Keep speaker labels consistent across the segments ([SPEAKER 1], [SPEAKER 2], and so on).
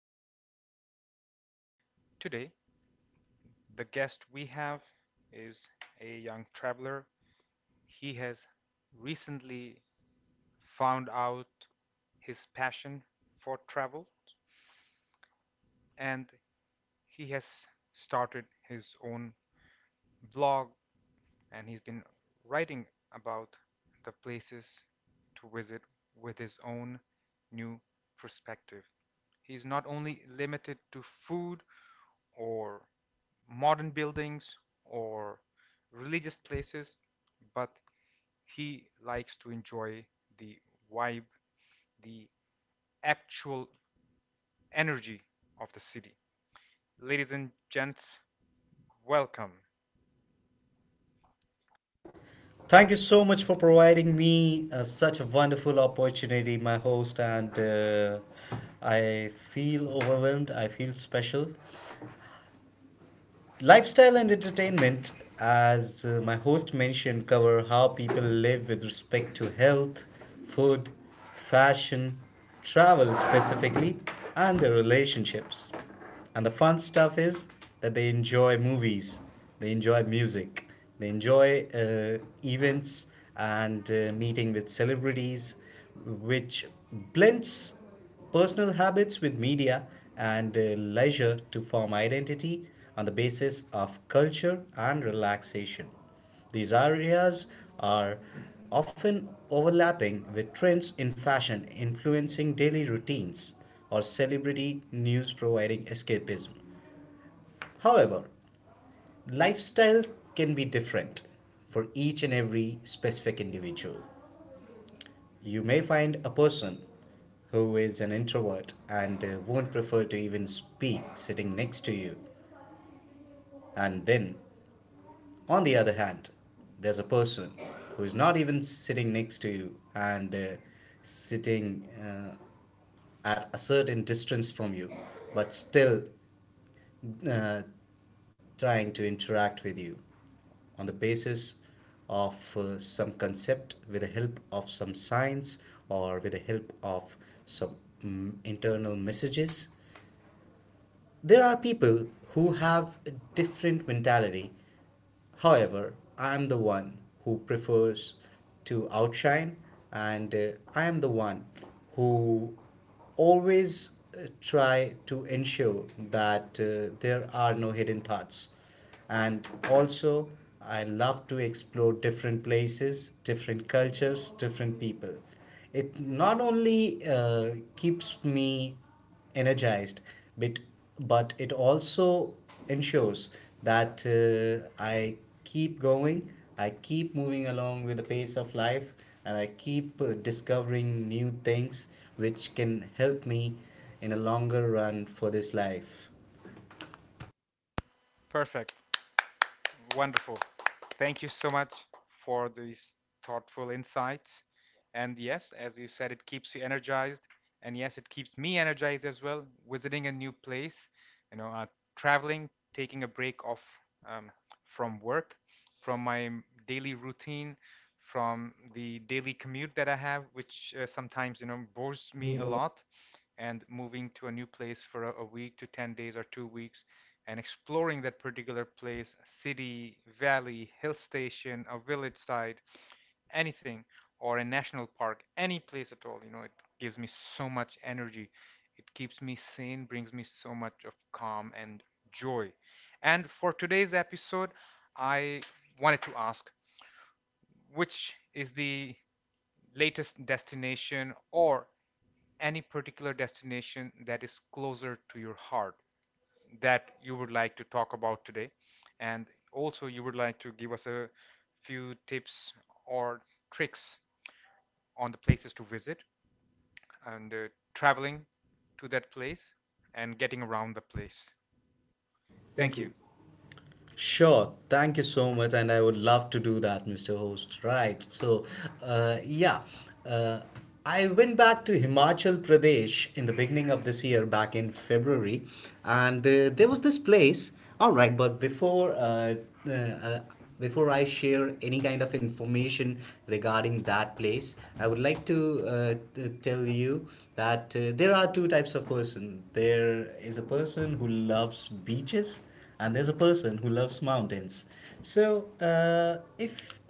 [SPEAKER 1] Entertainment. Today, the guest we have is a young traveler. He has recently found out his passion for travel and he has started his own blog and he's been writing about the places to visit with his own new perspective. He's not only limited to food or modern buildings or religious places, but he likes to enjoy the vibe, the actual energy of the city. Ladies and gents, welcome.
[SPEAKER 2] Thank you so much for providing me such a wonderful opportunity, my host. And I feel overwhelmed. I feel special. Lifestyle and entertainment, as my host mentioned, cover how people live with respect to health, food, fashion, travel specifically, and their relationships. And the fun stuff is that they enjoy movies, they enjoy music, they enjoy events and meeting with celebrities, which blends personal habits with media and leisure to form identity on the basis of culture and relaxation. These areas are often overlapping with trends in fashion influencing daily routines or celebrity news providing escapism. However, lifestyle can be different for each and every specific individual. You may find a person who is an introvert and won't prefer to even speak sitting next to you. And then, on the other hand, there's a person who is not even sitting next to you and sitting at a certain distance from you, but still uh, trying to interact with you on the basis of some concept with the help of some science or with the help of some internal messages. There are people who have a different mentality. However, I am the one who prefers to outshine, and I am the one who always try to ensure that there are no hidden thoughts. And also, I love to explore different places, different cultures, different people. It not only keeps me energized, but but it also ensures that I keep going, I keep moving along with the pace of life, and I keep discovering new things which can help me in a longer run for this life.
[SPEAKER 1] Perfect. Wonderful. Thank you so much for these thoughtful insights. And yes, as you said, it keeps you energized. And yes, it keeps me energized as well. Visiting a new place, you know, uh, traveling, taking a break off um, from work, from my daily routine, from the daily commute that I have, which sometimes, bores me a lot. And moving to a new place for a week to 10 days or 2 weeks, and exploring that particular place, city, valley, hill station, a village side, anything, or a national park, any place at all, it gives me so much energy. It keeps me sane, brings me so much of calm and joy. And for today's episode, I wanted to ask, which is the latest destination, or any particular destination that is closer to your heart, that you would like to talk about today? And also, you would like to give us a few tips or tricks on the places to visit and traveling to that place and getting around the place. Thank you.
[SPEAKER 2] Sure, thank you so much, and I would love to do that, Mr. Host. Right, so uh, yeah, uh, I went back to Himachal Pradesh in the beginning of this year, back in February, and there was this place. All right, but uh, uh, before I share any kind of information regarding that place, I would like to tell you that there are two types of person. There is a person who loves beaches and there's a person who loves mountains. So, if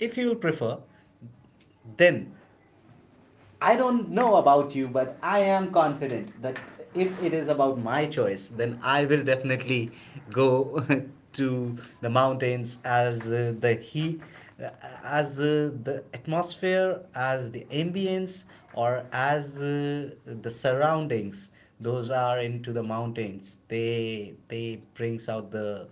[SPEAKER 2] if you'll prefer, then I don't know about you, but I am confident that if it is about my choice, then I will definitely go to the mountains as the atmosphere, as the ambience, or as the surroundings. Those are into the mountains. They brings out the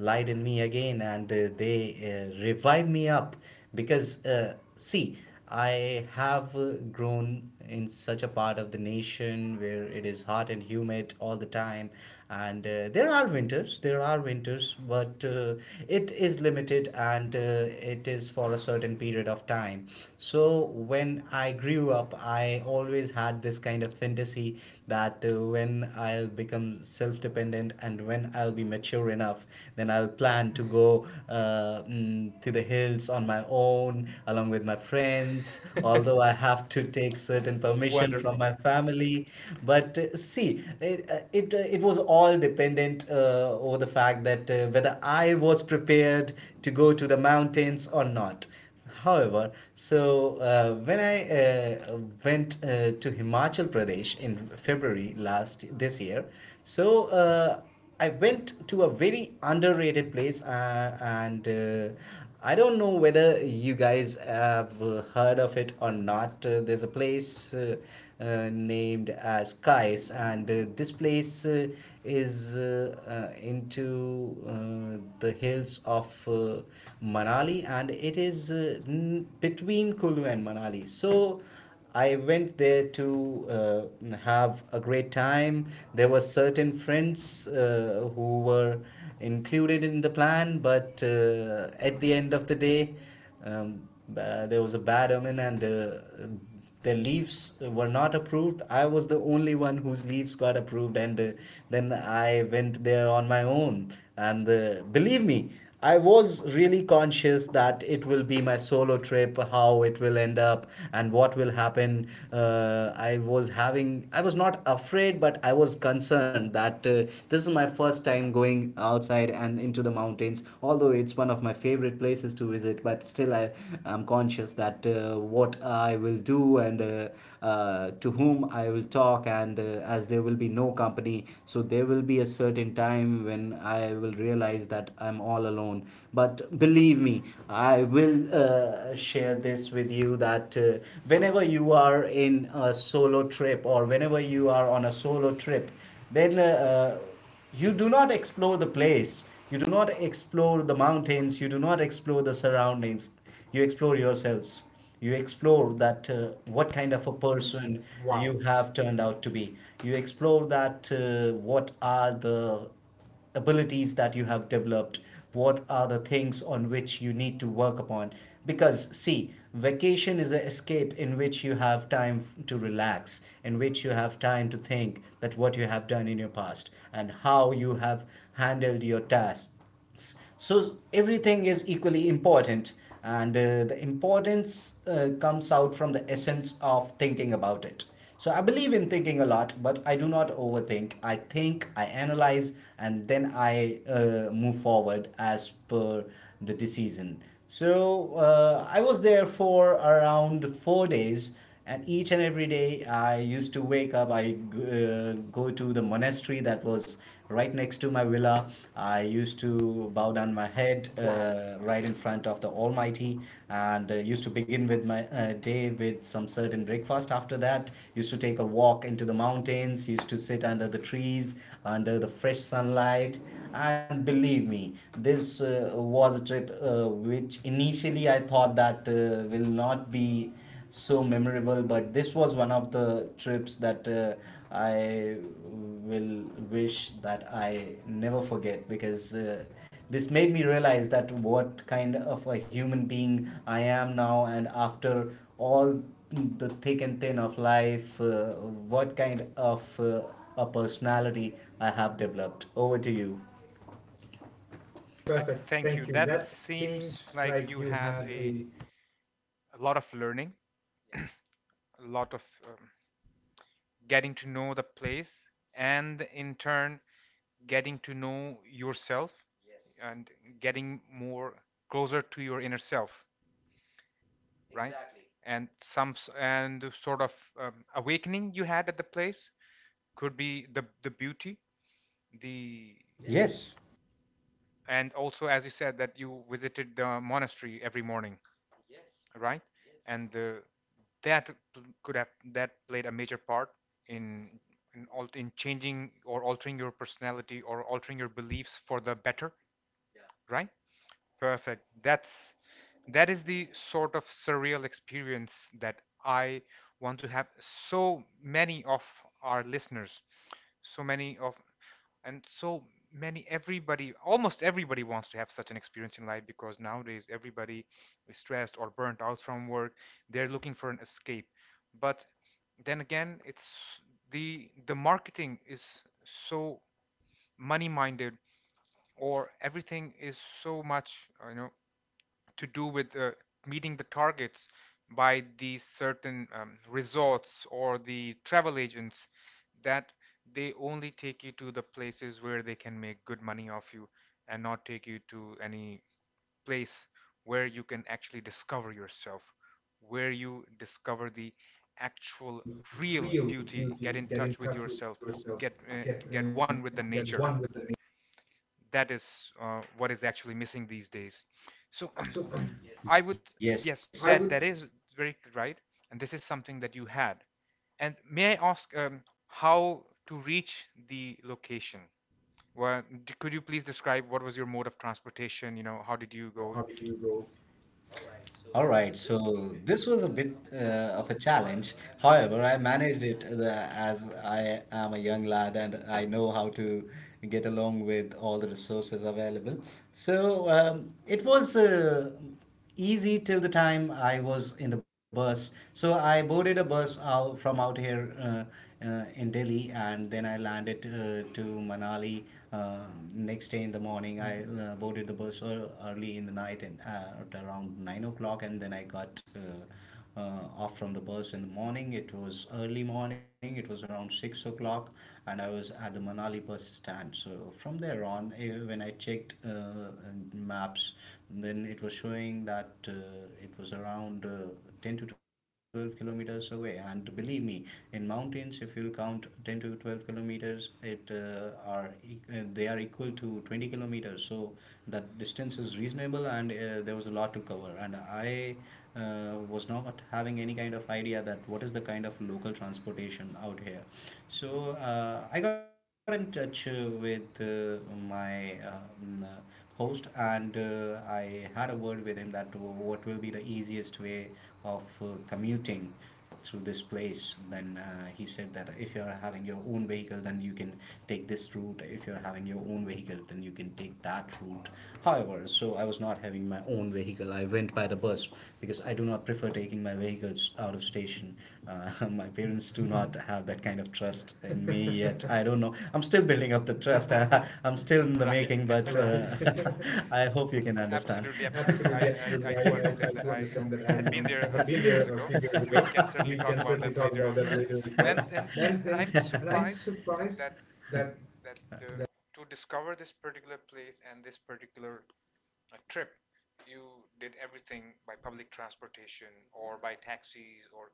[SPEAKER 2] light in me again, and they revive me up, because see, I have grown in such a part of the nation where it is hot and humid all the time, and there are winters, but it is limited, and it is for a certain period of time. So when I grew up, I always had this kind of fantasy that when I'll become self-dependent and when I'll be mature enough, then I'll plan to go to the hills on my own along with my friends.
[SPEAKER 1] And
[SPEAKER 2] Although
[SPEAKER 1] although
[SPEAKER 2] I
[SPEAKER 1] I have
[SPEAKER 2] have to
[SPEAKER 1] to
[SPEAKER 2] take
[SPEAKER 1] take
[SPEAKER 2] certain
[SPEAKER 1] certain permission,
[SPEAKER 2] permission from Wonderful.
[SPEAKER 1] wonderful, from
[SPEAKER 2] My
[SPEAKER 1] my
[SPEAKER 2] family,
[SPEAKER 1] family,
[SPEAKER 2] but see, it was all dependent over the fact that whether I was prepared to go to the mountains or not. However, so when I went to Himachal Pradesh in February last this year, so I went to a very underrated place, and I don't know whether you guys have heard of it or not. There's a place named as Kais, and this place is into the hills of Manali, and it is between Kulu and Manali. So I went there to have a great time. There were certain friends who were included in the plan, but at the end of the day, there was a bad omen, and their leaves were not approved. I was the only one whose leaves got approved, and then I went there on my own. And believe me, I was really conscious that it will be my solo trip, how it will end up, and what will happen. I was not afraid, but I was concerned that this is my first time going outside and into the to the mountains. Although it's one of my favorite places to visit, but still I am conscious that what I will do, and to whom I will talk, and as there will be no company, so there will be a certain time when I will realize that I'm all alone. But believe me, I will share this with you that whenever you are in a solo trip, or whenever you are on a solo trip, then you do not explore the place, you do not explore the mountains, you do not explore the surroundings, you explore yourselves. You explore that what kind
[SPEAKER 1] kind
[SPEAKER 2] of
[SPEAKER 1] of
[SPEAKER 2] a
[SPEAKER 1] a person,
[SPEAKER 2] person Wow.
[SPEAKER 1] wow, you
[SPEAKER 2] you have
[SPEAKER 1] have
[SPEAKER 2] turned
[SPEAKER 1] turned
[SPEAKER 2] out
[SPEAKER 1] out
[SPEAKER 2] to
[SPEAKER 1] to be.
[SPEAKER 2] be. You explore that what are the abilities that you have developed, what are the things on which you need to work upon. Because see, vacation is an escape in which you have time to relax, in which you have time to think that what you have done in your past and how you have handled your tasks. So everything is equally important, and the importance comes out from the essence of thinking about it. So I believe in thinking a lot, but I do not overthink. I think, I analyze, and then I move forward as per the decision. So I was there for around 4 days, and each and every day I used to wake up, I uh, go to the monastery that was right next to my villa. I used
[SPEAKER 1] You
[SPEAKER 2] to bow
[SPEAKER 1] bow
[SPEAKER 2] down
[SPEAKER 1] down
[SPEAKER 2] my
[SPEAKER 1] my head.
[SPEAKER 2] head
[SPEAKER 1] Wow.
[SPEAKER 2] right in front of the almighty, and used to begin with my day with some certain breakfast. After that, used to take a walk into the mountains, used to sit under the trees under the fresh sunlight. And believe me, this was a trip which initially I thought that will not be so memorable, but this was one of the trips that I will wish that I never forget, because this made me realize that what kind of a human being I am now, and after all the thick and thin of life what kind of a personality I have developed over to you.
[SPEAKER 1] Perfect.
[SPEAKER 2] Perfect.
[SPEAKER 1] Thank you.
[SPEAKER 2] Thank you.
[SPEAKER 1] That
[SPEAKER 2] That
[SPEAKER 1] seems
[SPEAKER 2] seems
[SPEAKER 1] like
[SPEAKER 2] like
[SPEAKER 1] you
[SPEAKER 2] you
[SPEAKER 1] had
[SPEAKER 2] have
[SPEAKER 1] a,
[SPEAKER 2] a
[SPEAKER 1] a lot of learning, a lot of getting to know the place, and in turn, getting to know yourself. Yes. And getting more closer to your inner self, right?
[SPEAKER 2] tragic
[SPEAKER 1] Exactly.
[SPEAKER 2] exactly
[SPEAKER 1] And
[SPEAKER 2] and
[SPEAKER 1] some and sort of awakening you had at the place, could be the beauty, the, yes.
[SPEAKER 2] yes
[SPEAKER 1] And also, as you said, that you visited the monastery every morning, yes, right? Yes. And that could have that played a major part in in changing or altering your personality or altering your beliefs for the better, yeah, right? Perfect. That is the sort of surreal experience that I want to have. So many of our listeners, so many of, and so many, everybody, almost everybody, wants to have such an experience in life, because nowadays everybody is stressed or burnt out from work. They're looking for an escape, but then again, it's, the marketing is so money minded, or everything is so much, to do with meeting the targets by these certain resorts or the travel agents, that they only take you to the places where they can make good money off you, and not take you to any place where you can actually discover yourself, where you discover the actual
[SPEAKER 2] actual
[SPEAKER 1] real
[SPEAKER 2] real
[SPEAKER 1] beauty, get in
[SPEAKER 2] beauty,
[SPEAKER 1] touch
[SPEAKER 2] get
[SPEAKER 1] with
[SPEAKER 2] in touch
[SPEAKER 1] yourself,
[SPEAKER 2] with yourself,
[SPEAKER 1] get uh,
[SPEAKER 2] get
[SPEAKER 1] get
[SPEAKER 2] uh,
[SPEAKER 1] one with the
[SPEAKER 2] get one
[SPEAKER 1] nature.
[SPEAKER 2] with the nature.
[SPEAKER 1] That is what is actually missing these days. So,
[SPEAKER 2] So
[SPEAKER 1] yes, I would,
[SPEAKER 2] Yes. I would,
[SPEAKER 1] yes, that
[SPEAKER 2] yeah,
[SPEAKER 1] that is very right, and this is something that you had. And may I ask, how to reach the location? Well, could you please describe what was your mode of transportation? You know, how did
[SPEAKER 2] you
[SPEAKER 1] you
[SPEAKER 2] know,
[SPEAKER 1] go?
[SPEAKER 2] how did you go.
[SPEAKER 1] All right. So
[SPEAKER 2] All right,
[SPEAKER 1] this was a
[SPEAKER 2] so
[SPEAKER 1] bit
[SPEAKER 2] this was a bit
[SPEAKER 1] of a
[SPEAKER 2] of
[SPEAKER 1] challenge.
[SPEAKER 2] a challenge.
[SPEAKER 1] However, I
[SPEAKER 2] However,
[SPEAKER 1] managed
[SPEAKER 2] I
[SPEAKER 1] it.
[SPEAKER 2] managed it as I am a young lad and I know how to get along with all the resources available. So it was easy till the time I was in the bus. So I boarded a bus out from out here in Delhi, and then I landed to Manali uh, next day. In the morning, I boarded the bus early in the night and at around 9 o'clock, and then I got off from the bus in the morning. It was early morning. It was around 6 o'clock, and I was at the Manali bus stand. So from there on, when I checked maps, and then it was showing that it was around 10 to 12 kilometers away. And believe me, in mountains if you'll count 10 to 12 kilometers, they are equal to 20 kilometers. So that distance is reasonable, and there was a lot to cover, and I was not having any kind of idea that what is the kind of local transportation out here. So I got in touch with my host, and I had a word with him that what will be the easiest way of commuting through this place. Then he said that if you are having your own vehicle, then you can take this route. If you are having your own vehicle, then you can take that route. However, so I was not having my own vehicle. I went by the bus because I do not prefer taking my vehicles out of station. My parents do not have that kind of trust in me yet. I don't know. I'm still building up the trust. I'm still in
[SPEAKER 1] And,
[SPEAKER 2] the
[SPEAKER 1] right,
[SPEAKER 2] making, but
[SPEAKER 1] I
[SPEAKER 2] Right.
[SPEAKER 1] hope you can.
[SPEAKER 2] I hope you can understand.
[SPEAKER 1] Absolutely, absolutely. I,
[SPEAKER 2] Absolutely,
[SPEAKER 1] I, I
[SPEAKER 2] absolutely. I,
[SPEAKER 1] too
[SPEAKER 2] I,
[SPEAKER 1] understand
[SPEAKER 2] I
[SPEAKER 1] that
[SPEAKER 2] do
[SPEAKER 1] I, you
[SPEAKER 2] understand
[SPEAKER 1] know,
[SPEAKER 2] that.
[SPEAKER 1] I
[SPEAKER 2] I, you
[SPEAKER 1] had
[SPEAKER 2] know,
[SPEAKER 1] been there a
[SPEAKER 2] have been
[SPEAKER 1] few years
[SPEAKER 2] there a
[SPEAKER 1] ago.
[SPEAKER 2] few years
[SPEAKER 1] We
[SPEAKER 2] ago.
[SPEAKER 1] can certainly
[SPEAKER 2] We
[SPEAKER 1] talk
[SPEAKER 2] can
[SPEAKER 1] about
[SPEAKER 2] certainly
[SPEAKER 1] that
[SPEAKER 2] talk
[SPEAKER 1] later
[SPEAKER 2] about
[SPEAKER 1] as
[SPEAKER 2] that
[SPEAKER 1] well.
[SPEAKER 2] later as
[SPEAKER 1] And
[SPEAKER 2] well.
[SPEAKER 1] and
[SPEAKER 2] And
[SPEAKER 1] and
[SPEAKER 2] then,
[SPEAKER 1] I'm
[SPEAKER 2] and I'm
[SPEAKER 1] surprised
[SPEAKER 2] surprised
[SPEAKER 1] that
[SPEAKER 2] that.
[SPEAKER 1] that to discover this particular place and this particular trip, you did everything by public transportation or by taxis or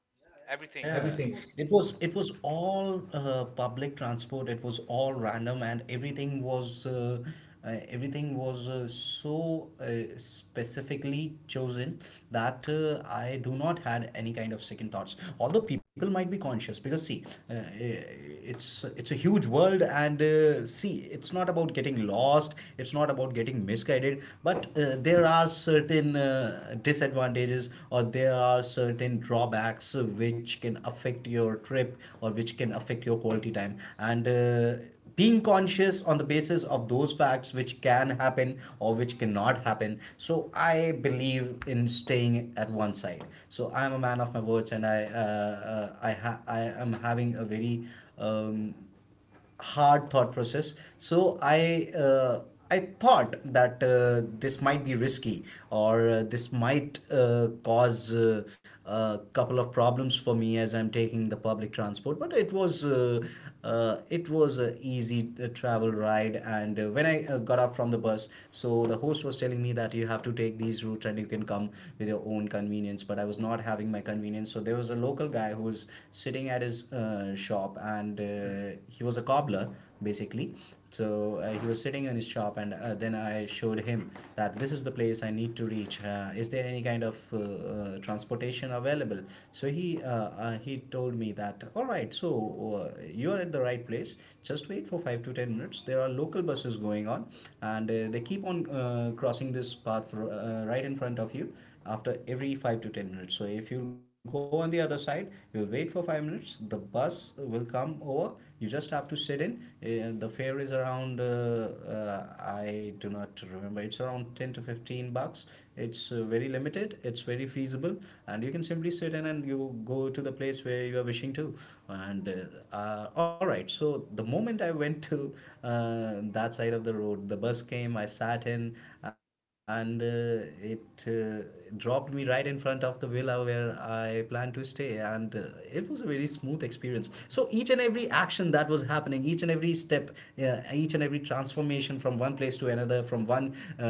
[SPEAKER 2] Yeah,
[SPEAKER 1] everything.
[SPEAKER 2] yeah, everything. It was all public transport. It was all random, and everything was so specifically chosen that I do not had any kind of second thoughts. Although people might be conscious, because see, it's a huge world, and see, it's not about getting lost. It's not about getting misguided, but there are certain disadvantages, or there are certain drawbacks which can affect your trip or which can affect your quality time, and being conscious on the basis of those facts which can happen or which cannot happen, so I believe in staying at one side. So I'm a man of my words, and I am having a very um, hard thought process. So I thought that this might be risky, or this might cause a couple of problems for me, as I'm taking the public transport. But it was a easy travel ride, and when I got off from the bus, so the host was telling me that you have to take these routes and you can come with your own convenience. But I was not having my convenience. So there was a local guy who was sitting at his shop, and he was a cobbler basically. So he was sitting in his shop, and then I showed him that this is the place I need to reach. Is there any kind of transportation available? So uh, he told me that all right, so you are at the right place. Just wait for 5 to 10 minutes. There are local buses going on, and they keep on crossing this path right in front of you after every 5 to 10 minutes. So if you go on the other side, you'll wait for 5 minutes, the bus will come over. You just have to sit in. The fare is around I do not remember, it's around 10 to 15 bucks. It's very limited, it's very feasible, and you can simply sit in and you go to the place where you are wishing to. And all right, so the moment I went to that side of the road, the bus came, I sat in, and it dropped me right in front of the villa where I planned to stay. And it was a very smooth experience. So each and every action that was happening, each and every step, yeah, each and every transformation from one place to another, from one uh,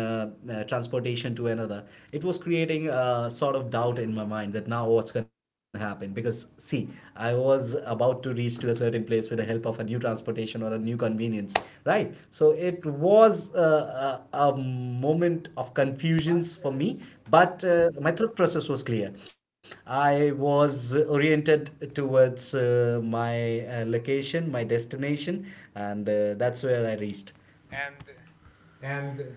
[SPEAKER 2] uh, transportation to another, it was creating a sort of doubt in my mind that now what's going to happen, because see, I was about to reach to a certain place with the help of a new transportation or a new convenience, right? So it was a moment of confusions for me. But my thought process was clear. I was oriented towards my location, my destination, and that's where I reached.
[SPEAKER 1] And more,
[SPEAKER 2] And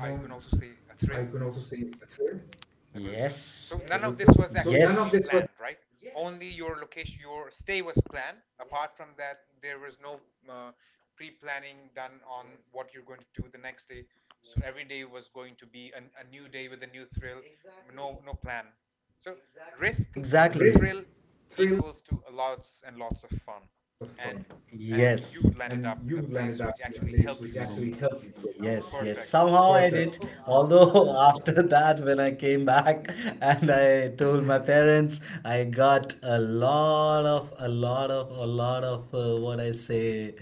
[SPEAKER 1] I can
[SPEAKER 2] mom,
[SPEAKER 1] also say a thrill.
[SPEAKER 2] I can also say a
[SPEAKER 1] Yes.
[SPEAKER 2] thrill.
[SPEAKER 1] That was Thun. So, yes,
[SPEAKER 2] Yes.
[SPEAKER 1] none of,
[SPEAKER 2] That
[SPEAKER 1] yes,
[SPEAKER 2] was
[SPEAKER 1] this
[SPEAKER 2] thrill.
[SPEAKER 1] was
[SPEAKER 2] So
[SPEAKER 1] actually
[SPEAKER 2] none of, yes, this
[SPEAKER 1] pre-planned,
[SPEAKER 2] was,
[SPEAKER 1] right? Yes. Only your location, your stay was planned. Apart, yes, from that, there was no uh, pre-planning done on, yes, what you're going to do the next day. Yes. So, yes, every day was going to be a new day with a new thrill. Exactly. No, no plan. So, exactly, risk,
[SPEAKER 2] so, exactly, risk,
[SPEAKER 1] thrill
[SPEAKER 2] thrill,
[SPEAKER 1] equals to lots and lots of fun.
[SPEAKER 2] lots of
[SPEAKER 1] And,
[SPEAKER 2] fun,
[SPEAKER 1] yes,
[SPEAKER 2] and,
[SPEAKER 1] and you
[SPEAKER 2] yes, and
[SPEAKER 1] landed up in
[SPEAKER 2] you
[SPEAKER 1] a
[SPEAKER 2] landed
[SPEAKER 1] place
[SPEAKER 2] up
[SPEAKER 1] which
[SPEAKER 2] in a
[SPEAKER 1] actually
[SPEAKER 2] place
[SPEAKER 1] helped you
[SPEAKER 2] which
[SPEAKER 1] grow.
[SPEAKER 2] actually
[SPEAKER 1] Yes.
[SPEAKER 2] helped you
[SPEAKER 1] Yes.
[SPEAKER 2] grow.
[SPEAKER 1] Somehow.
[SPEAKER 2] Yes, yes.
[SPEAKER 1] Perfect.
[SPEAKER 2] Somehow I, perfect, did.
[SPEAKER 1] Although after
[SPEAKER 2] Although
[SPEAKER 1] that,
[SPEAKER 2] after that, when I came back, and I told my parents, I got a lot of, a lot of, a lot of what I say,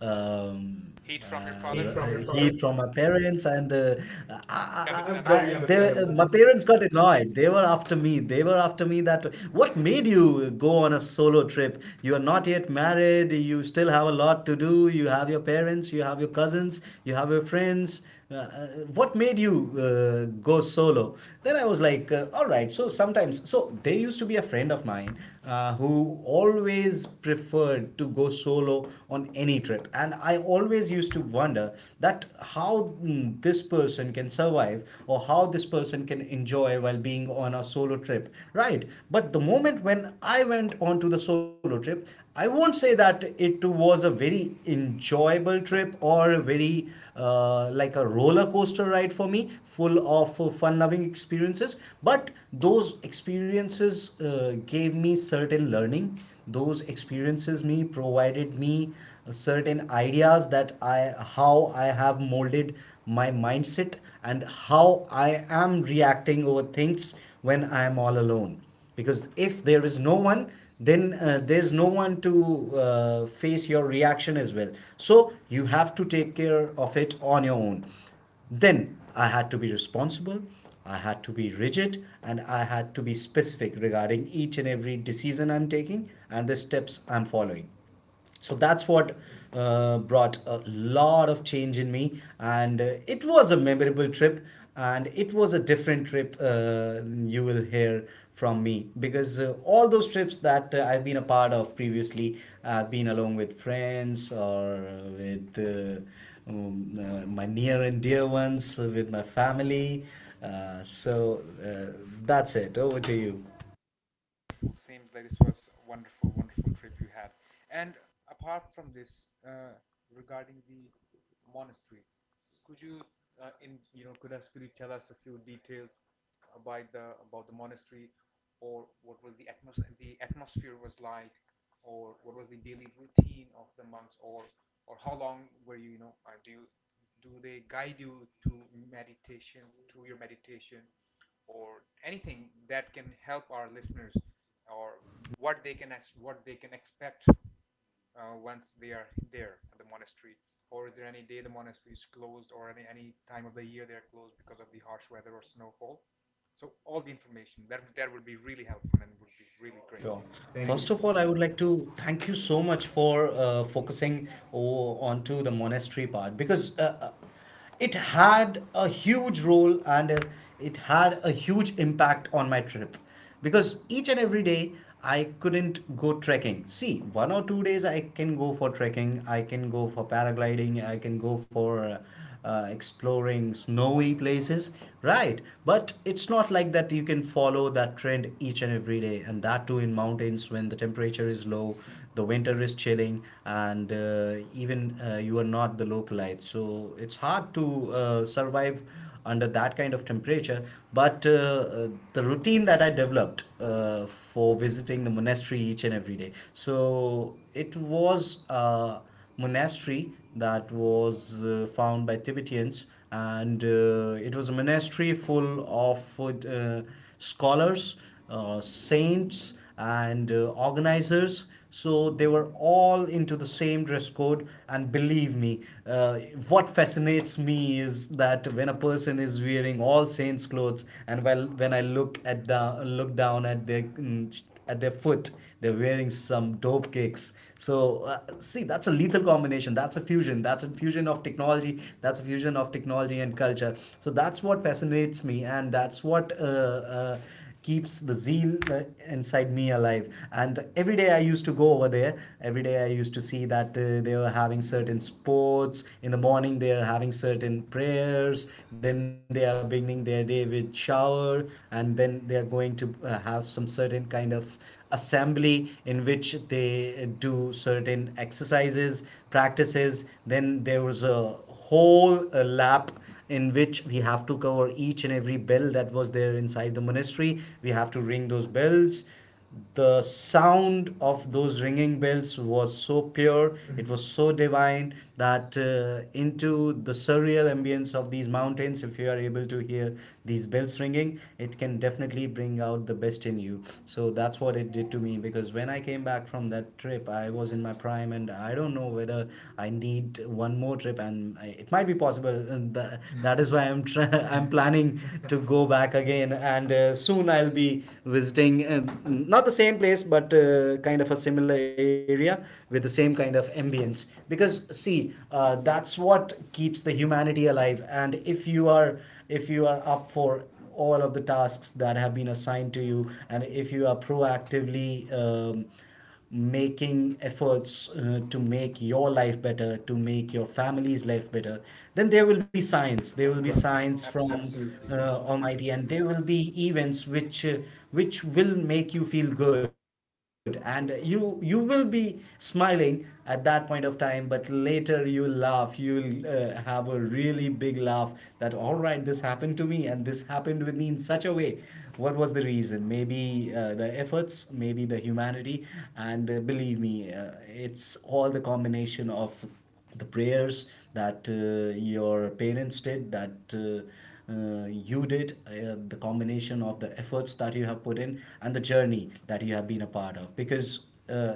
[SPEAKER 2] um,
[SPEAKER 1] heat from your
[SPEAKER 2] heat
[SPEAKER 1] father,
[SPEAKER 2] from
[SPEAKER 1] from
[SPEAKER 2] your
[SPEAKER 1] my
[SPEAKER 2] heat
[SPEAKER 1] parents.
[SPEAKER 2] father, from my parents, and I I, very they,
[SPEAKER 1] Understandable. My parents
[SPEAKER 2] understandable.
[SPEAKER 1] got
[SPEAKER 2] My
[SPEAKER 1] it.
[SPEAKER 2] parents got annoyed, they were after me, they were after me that what made you go on a solo trip? You are not yet married, you still have a lot to do. You have your parents, you have your cousins, you have your friends. uh, uh, what made you go solo? Then I was like, all right, so sometimes, so there used to be a friend of mine who always preferred to go solo on any trip, and I always used to wonder that how this person can survive or how this person can enjoy while being on a solo trip, right? But the moment when I went on to the solo trip, I won't say that it was a very enjoyable trip or a very like a roller coaster ride for me, full of fun-loving experiences. But those experiences gave me certain learning. Those experiences me provided me certain ideas that I how I have molded my mindset and how I am reacting over things when I am all alone. Because if there is no one, then there's no one to face your reaction as well, so you have to take care of it on your own. Then I had to be responsible, I had to be rigid, and I had to be specific regarding each and every decision I'm taking and the steps I'm following. So that's what brought a lot of change in me, and it was a memorable trip, and it was a different trip you will hear from me, because all those trips that I've been a part of previously, I've been along with friends or with my near and dear ones, with my family. Uh, so that's it, over to you.
[SPEAKER 1] Seems like this was a wonderful, wonderful trip you had. And apart from this, regarding the monastery, could you, in you know, could, us, could you tell us a few details about the monastery, or what was the the atmosphere was like, or what was the daily routine of the monks, or how long were you, do they guide you to meditation, your meditation, or anything that can help our listeners, or what they can expect once they are there at the monastery? Or is there any day the monastery is closed, or any time of the year they're closed because of the harsh weather or snowfall? So all the information, that would be really helpful and would be really, sure, great, sure.
[SPEAKER 2] Sure. Thank you.
[SPEAKER 1] Thank,
[SPEAKER 2] First
[SPEAKER 1] first, you,
[SPEAKER 2] of
[SPEAKER 1] of
[SPEAKER 2] all,
[SPEAKER 1] all,
[SPEAKER 2] I
[SPEAKER 1] I
[SPEAKER 2] would
[SPEAKER 1] would
[SPEAKER 2] like to thank you so much for focusing onto the monastery part, because it had a huge role, and it had a huge impact on my trip, because each and every day I couldn't go trekking. See, 1 or 2 days I can go for trekking, I can go for paragliding, I can go for exploring snowy places, right? But it's not like that you can follow that trend each and every day, and that too in mountains when the temperature is low, the winter is chilling, and even you are not the localite. So it's hard to survive under that kind of temperature. But the routine that I developed for visiting the monastery each and every day, so it was. Monastery that was found by Tibetans, and it was a monastery full of scholars, saints, and organizers. So they were all into the same dress code, and believe me, uh, what fascinates me is that when a person is wearing all saints' clothes, and well, when I look down at their at their foot. They're wearing some dope kicks. So see, that's a lethal combination. That's a fusion. That's a fusion of technology. That's a fusion of technology and culture. So that's what fascinates me, and that's what keeps the zeal inside me alive. And every day I used to go over there, every day I used to see that they were having certain sports in the morning, they are having certain prayers, then they are beginning their day with shower over, and then they are going to have some certain kind of assembly in which they do certain exercises, practices. Then there was a whole lap in which we have to cover each and every bell that was there inside the monastery, we have to ring those bells. The sound of those ringing bells was so pure, it was so divine that into the surreal ambience of these mountains, if you are able to hear these bells ringing, it can definitely bring out the best in you. So that's what it did to me, because when I came back from that trip, I was in my prime. And I don't know whether I need one more trip, and it might be possible, and that is why I'm planning to go back again. And soon I'll be visiting not the same place, but kind of a similar area with the same kind of ambience. Because see, that's what keeps the humanity alive. And if you are up for all of the tasks that have been assigned to you, and if you are proactively um, making efforts to make your life better, to make your family's life better, then there will be signs.
[SPEAKER 1] give
[SPEAKER 2] There will
[SPEAKER 1] the,
[SPEAKER 2] be,
[SPEAKER 1] right,
[SPEAKER 2] right,
[SPEAKER 1] signs
[SPEAKER 2] signs
[SPEAKER 1] from,
[SPEAKER 2] from,
[SPEAKER 1] absolutely,
[SPEAKER 2] absolutely,
[SPEAKER 1] yes, Almighty,
[SPEAKER 2] Almighty,
[SPEAKER 1] and
[SPEAKER 2] and
[SPEAKER 1] they would.
[SPEAKER 2] there will be events which which will make you feel good, and you will be smiling at that point of time, but later you laugh, you'll have a really big laugh that all right, this happened to me and this happened with me in such a way. What was the reason? Maybe the efforts, maybe the humanity. And believe me, it's all the combination of the prayers that your parents did, that you did, the combination of the efforts that you have put in and the journey that you have been a part of. Because uh,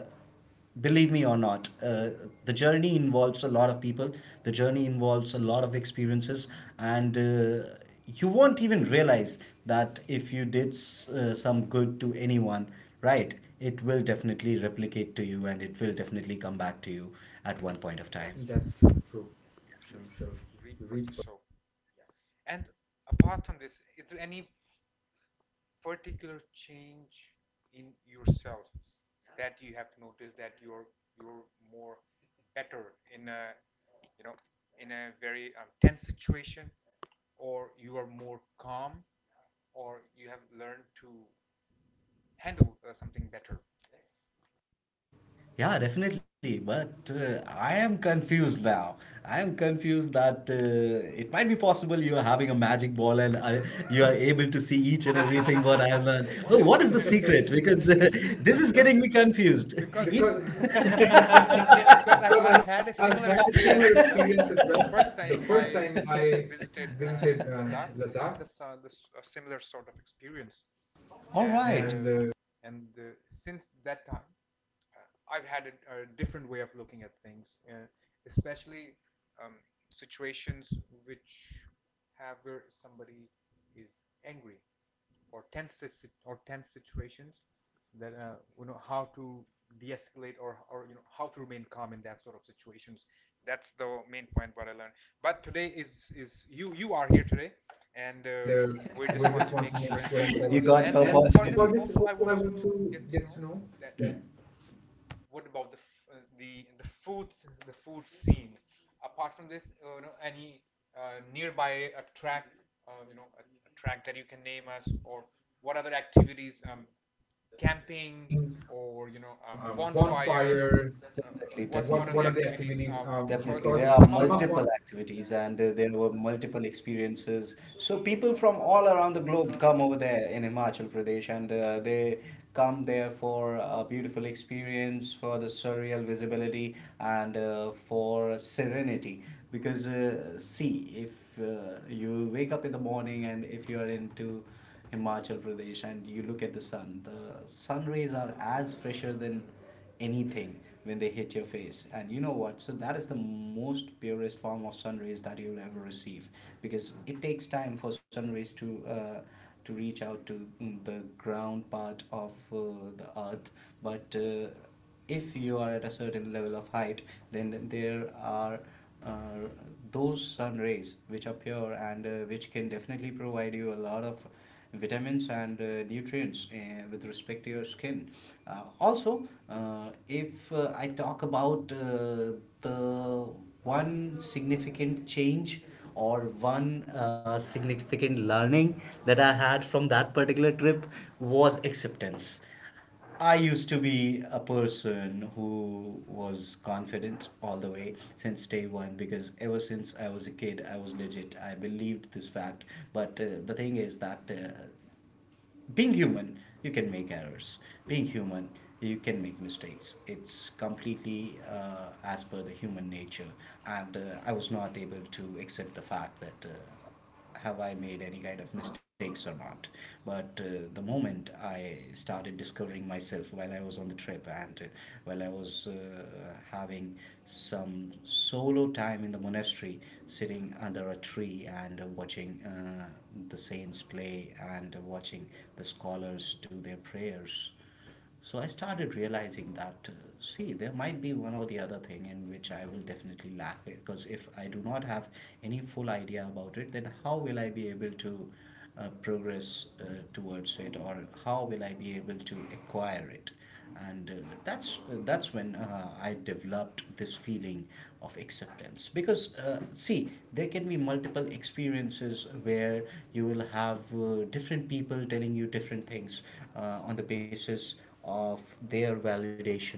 [SPEAKER 2] believe me or not, the journey involves a lot of people, the journey involves a lot of experiences. And you won't even realize that if you did some good to anyone, right, it will definitely replicate to you and it will definitely come back to you at one point of
[SPEAKER 1] That's
[SPEAKER 2] time.
[SPEAKER 1] true.
[SPEAKER 2] That's true, true.
[SPEAKER 1] You shall
[SPEAKER 2] You shall
[SPEAKER 1] reap
[SPEAKER 2] you
[SPEAKER 1] what you
[SPEAKER 2] read.
[SPEAKER 1] sow. And apart from this, is there any particular change in yourself that you have noticed, that you're more better in a, you know in a very tense situation, or you are more calm, or you have learned to handle something better?
[SPEAKER 2] Yeah, definitely. But I am confused now. I am confused that it might be possible you are having a magic ball, and you are able to see each
[SPEAKER 1] Great
[SPEAKER 2] and
[SPEAKER 1] thing about
[SPEAKER 2] everything what I have learned.
[SPEAKER 1] Ireland. What
[SPEAKER 2] No,
[SPEAKER 1] is
[SPEAKER 2] what
[SPEAKER 1] the
[SPEAKER 2] is the
[SPEAKER 1] secret? Because
[SPEAKER 2] secret? Because
[SPEAKER 1] this is
[SPEAKER 2] this is
[SPEAKER 1] getting me
[SPEAKER 2] getting me
[SPEAKER 1] confused.
[SPEAKER 2] confused.
[SPEAKER 1] Because
[SPEAKER 2] Because
[SPEAKER 1] because I've,
[SPEAKER 2] because
[SPEAKER 1] I've
[SPEAKER 2] I've
[SPEAKER 1] had a
[SPEAKER 2] had a
[SPEAKER 1] similar
[SPEAKER 2] similar
[SPEAKER 1] experience as
[SPEAKER 2] experience
[SPEAKER 1] well.
[SPEAKER 2] as well.
[SPEAKER 1] The
[SPEAKER 2] The
[SPEAKER 1] first time
[SPEAKER 2] first time
[SPEAKER 1] I
[SPEAKER 2] I
[SPEAKER 1] visited
[SPEAKER 2] visited
[SPEAKER 1] Ladakh,
[SPEAKER 2] Ladakh,
[SPEAKER 1] I had a similar sort of experience, all right,
[SPEAKER 2] all
[SPEAKER 1] and
[SPEAKER 2] right. and
[SPEAKER 1] uh,
[SPEAKER 2] uh,
[SPEAKER 1] and uh, since that time, I've had a different way of looking at things, especially um, situations which have where somebody is angry or tense or tense situations, that you know how to de-escalate, or you know how to remain calm in that sort of situations. That's the main point what I learned. But today is, you are here today, and
[SPEAKER 2] and uh,
[SPEAKER 1] we
[SPEAKER 2] we
[SPEAKER 1] just want
[SPEAKER 2] just
[SPEAKER 1] to
[SPEAKER 2] want
[SPEAKER 1] make
[SPEAKER 2] to
[SPEAKER 1] sure
[SPEAKER 2] make
[SPEAKER 1] and follow
[SPEAKER 2] sure.
[SPEAKER 1] that.
[SPEAKER 2] You got and
[SPEAKER 1] And about
[SPEAKER 2] opportunity
[SPEAKER 1] this
[SPEAKER 2] for this
[SPEAKER 1] also I
[SPEAKER 2] also. I
[SPEAKER 1] want
[SPEAKER 2] want
[SPEAKER 1] to
[SPEAKER 2] to
[SPEAKER 1] get to
[SPEAKER 2] get
[SPEAKER 1] know
[SPEAKER 2] to know.
[SPEAKER 1] that,
[SPEAKER 2] Yeah.
[SPEAKER 1] what about the food scene? Apart from this, any nearby a track, a track that you can name us, or what other activities? Camping,
[SPEAKER 2] Being,
[SPEAKER 1] or
[SPEAKER 2] you know, born
[SPEAKER 1] bonfire.
[SPEAKER 2] require.
[SPEAKER 1] Uh,
[SPEAKER 2] Definitely, definitely.
[SPEAKER 1] what
[SPEAKER 2] what
[SPEAKER 1] are the
[SPEAKER 2] what are the
[SPEAKER 1] activities?
[SPEAKER 2] activities? Definitely,
[SPEAKER 1] Because
[SPEAKER 2] there because are
[SPEAKER 1] some
[SPEAKER 2] some
[SPEAKER 1] of
[SPEAKER 2] of
[SPEAKER 1] our
[SPEAKER 2] multiple our
[SPEAKER 1] activities,
[SPEAKER 2] activities,
[SPEAKER 1] and
[SPEAKER 2] and
[SPEAKER 1] there
[SPEAKER 2] there
[SPEAKER 1] were
[SPEAKER 2] were
[SPEAKER 1] multiple
[SPEAKER 2] multiple
[SPEAKER 1] experiences.
[SPEAKER 2] experiences.
[SPEAKER 1] So
[SPEAKER 2] So
[SPEAKER 1] people
[SPEAKER 2] people
[SPEAKER 1] from
[SPEAKER 2] from
[SPEAKER 1] all
[SPEAKER 2] all
[SPEAKER 1] around the
[SPEAKER 2] around the
[SPEAKER 1] globe
[SPEAKER 2] globe
[SPEAKER 1] come.
[SPEAKER 2] come over there in Himachal Pradesh, and they come there for a beautiful experience, for the surreal visibility, and for serenity. Because see, if you wake up in the morning and if you are into Himachal Pradesh and you look at the sun rays are as fresher than anything when they hit your face, and you know what, so that is the most purest form of sun rays that you'll ever receive, because it takes time for sun rays to reach out to the ground part of the earth. But if you are at a certain level of height, then there are uh, those sun rays which appear, and which can definitely provide you a lot of vitamins and nutrients with respect to your skin, also. If I talk about the one significant change or one significant learning that I had from that particular trip, was acceptance. I used to be a person who was confident all the way since day one, because ever since I was a kid, I was legit. I believed this fact. But the thing is that being human, you can make errors. Being human, you can make mistakes. It's completely as per the human nature. And I was not able to accept the fact that have I made any kind of mistakes or not. But the moment I started discovering myself while I was on the trip, and while I was having some solo time in the monastery, sitting under a tree, and watching the saints play and watching the scholars do their prayers. So I started realizing that, see, there might be one or the other thing in which I will definitely lack, because if I do not have any full idea about it, then how will I be able to progress towards it, or how will I be able to acquire it? And that's when I developed this feeling of acceptance. Because see, there can be multiple experiences where you will have different people telling you different things on the basis of their validation.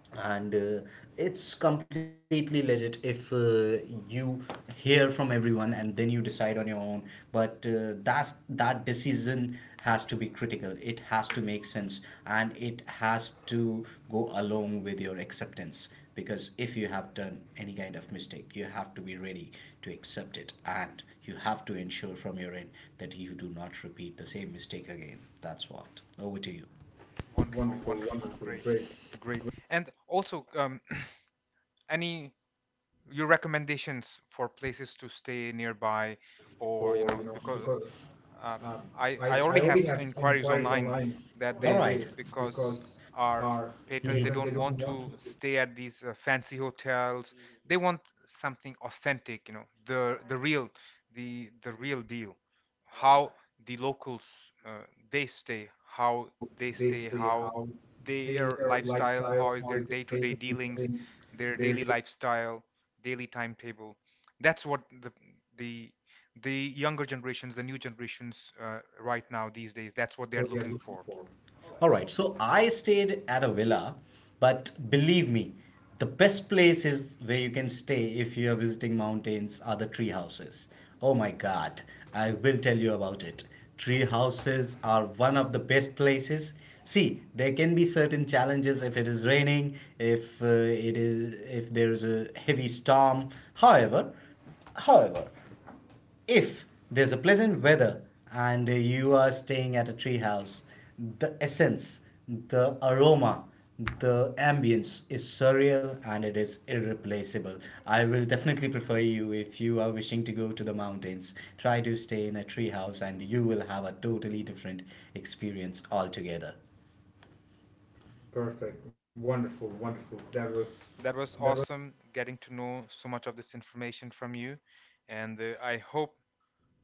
[SPEAKER 2] And it's completely legit if you hear from everyone and then you decide on your own. But that decision has to be critical, it has to make sense, and it has to go along with your acceptance. Because if you have done any kind of mistake, you have to be ready to accept it, and you have to ensure from your end that you do not repeat the same mistake again. That's what, over to you.
[SPEAKER 1] Wonderful,
[SPEAKER 2] Wonderful,
[SPEAKER 1] wonderful,
[SPEAKER 2] wonderful,
[SPEAKER 1] great,
[SPEAKER 2] great.
[SPEAKER 1] great. And also, any your recommendations for places to stay nearby, or
[SPEAKER 2] Or you
[SPEAKER 1] because um,
[SPEAKER 2] know,
[SPEAKER 1] I already have inquiries
[SPEAKER 2] inquiry.
[SPEAKER 1] online, that
[SPEAKER 2] All
[SPEAKER 1] they
[SPEAKER 2] right.
[SPEAKER 1] because our
[SPEAKER 2] Our
[SPEAKER 1] patrons, they
[SPEAKER 2] patrons, mm-hmm, they
[SPEAKER 1] don't
[SPEAKER 2] do
[SPEAKER 1] want to stay at these fancy hotels. They want something authentic, you know, the real the real deal. How the locals uh, they stay,
[SPEAKER 2] this,
[SPEAKER 1] how their lifestyle, how is their day-to-day dealings, their daily
[SPEAKER 2] they
[SPEAKER 1] lifestyle, daily timetable. That's what the the younger generations, the new generations right now these days. That's what they're looking for.
[SPEAKER 2] go?
[SPEAKER 1] Alright,
[SPEAKER 2] All right,
[SPEAKER 1] so
[SPEAKER 2] so I stayed at a villa, but believe me, the best places where you can stay if you are visiting mountains are the tree houses. Oh my god, I will tell you about it. Tree houses are one of the best places. See, there can be certain challenges if it is raining, if it is, if there is a heavy storm. However, however, if there's a pleasant weather and you are staying at a tree house, the essence, the aroma, the ambience is surreal and it is irreplaceable. I will definitely prefer you, if you are wishing to go to the mountains, try to stay in a tree house and you will have a totally different experience altogether. Perfect. Wonderful. Wonderful. That was,
[SPEAKER 1] that
[SPEAKER 2] that
[SPEAKER 1] was
[SPEAKER 2] was,
[SPEAKER 1] awesome getting to know so much of this information from you, and I hope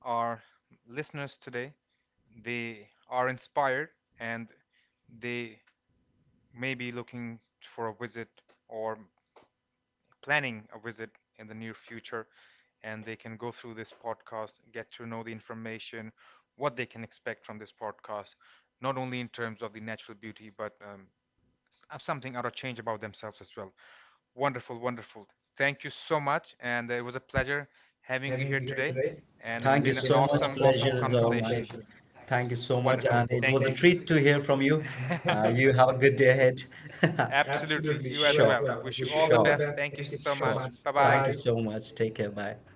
[SPEAKER 1] our listeners today, they are inspired, and they may be looking for a visit or planning a visit in the near future, and they can go through this podcast, get to know the information, what they can expect from this podcast, not only in terms of the natural beauty, but something out of change about themselves as well. Wonderful, wonderful. Thank you so much, and it was a pleasure having you
[SPEAKER 2] having
[SPEAKER 1] here
[SPEAKER 2] me,
[SPEAKER 1] today. And it's
[SPEAKER 2] thank you
[SPEAKER 1] been an
[SPEAKER 2] so much.
[SPEAKER 1] awesome,
[SPEAKER 2] Awesome, pleasure
[SPEAKER 1] awesome
[SPEAKER 2] is awesome, all mine.
[SPEAKER 1] conversation. Thank you
[SPEAKER 2] Thank you
[SPEAKER 1] so
[SPEAKER 2] so
[SPEAKER 1] much.
[SPEAKER 2] much. Yeah.
[SPEAKER 1] Wonderful.
[SPEAKER 2] And wonderful, it was
[SPEAKER 1] Thank
[SPEAKER 2] a
[SPEAKER 1] you.
[SPEAKER 2] thank
[SPEAKER 1] It
[SPEAKER 2] you
[SPEAKER 1] was
[SPEAKER 2] treat
[SPEAKER 1] great to
[SPEAKER 2] to hear from
[SPEAKER 1] hear from
[SPEAKER 2] you.
[SPEAKER 1] you. You
[SPEAKER 2] You
[SPEAKER 1] have a
[SPEAKER 2] have a
[SPEAKER 1] good day
[SPEAKER 2] good day
[SPEAKER 1] ahead.
[SPEAKER 2] ahead.
[SPEAKER 1] Absolutely.
[SPEAKER 2] Absolutely. You
[SPEAKER 1] You
[SPEAKER 2] as
[SPEAKER 1] as
[SPEAKER 2] sure,
[SPEAKER 1] well. I wish
[SPEAKER 2] as
[SPEAKER 1] you
[SPEAKER 2] wish
[SPEAKER 1] all the
[SPEAKER 2] you all sure,
[SPEAKER 1] best.
[SPEAKER 2] the
[SPEAKER 1] Thank you so much. Bye bye. So
[SPEAKER 2] best. So
[SPEAKER 1] much.
[SPEAKER 2] much.
[SPEAKER 1] Take care.
[SPEAKER 2] Take care. Bye.
[SPEAKER 1] Bye.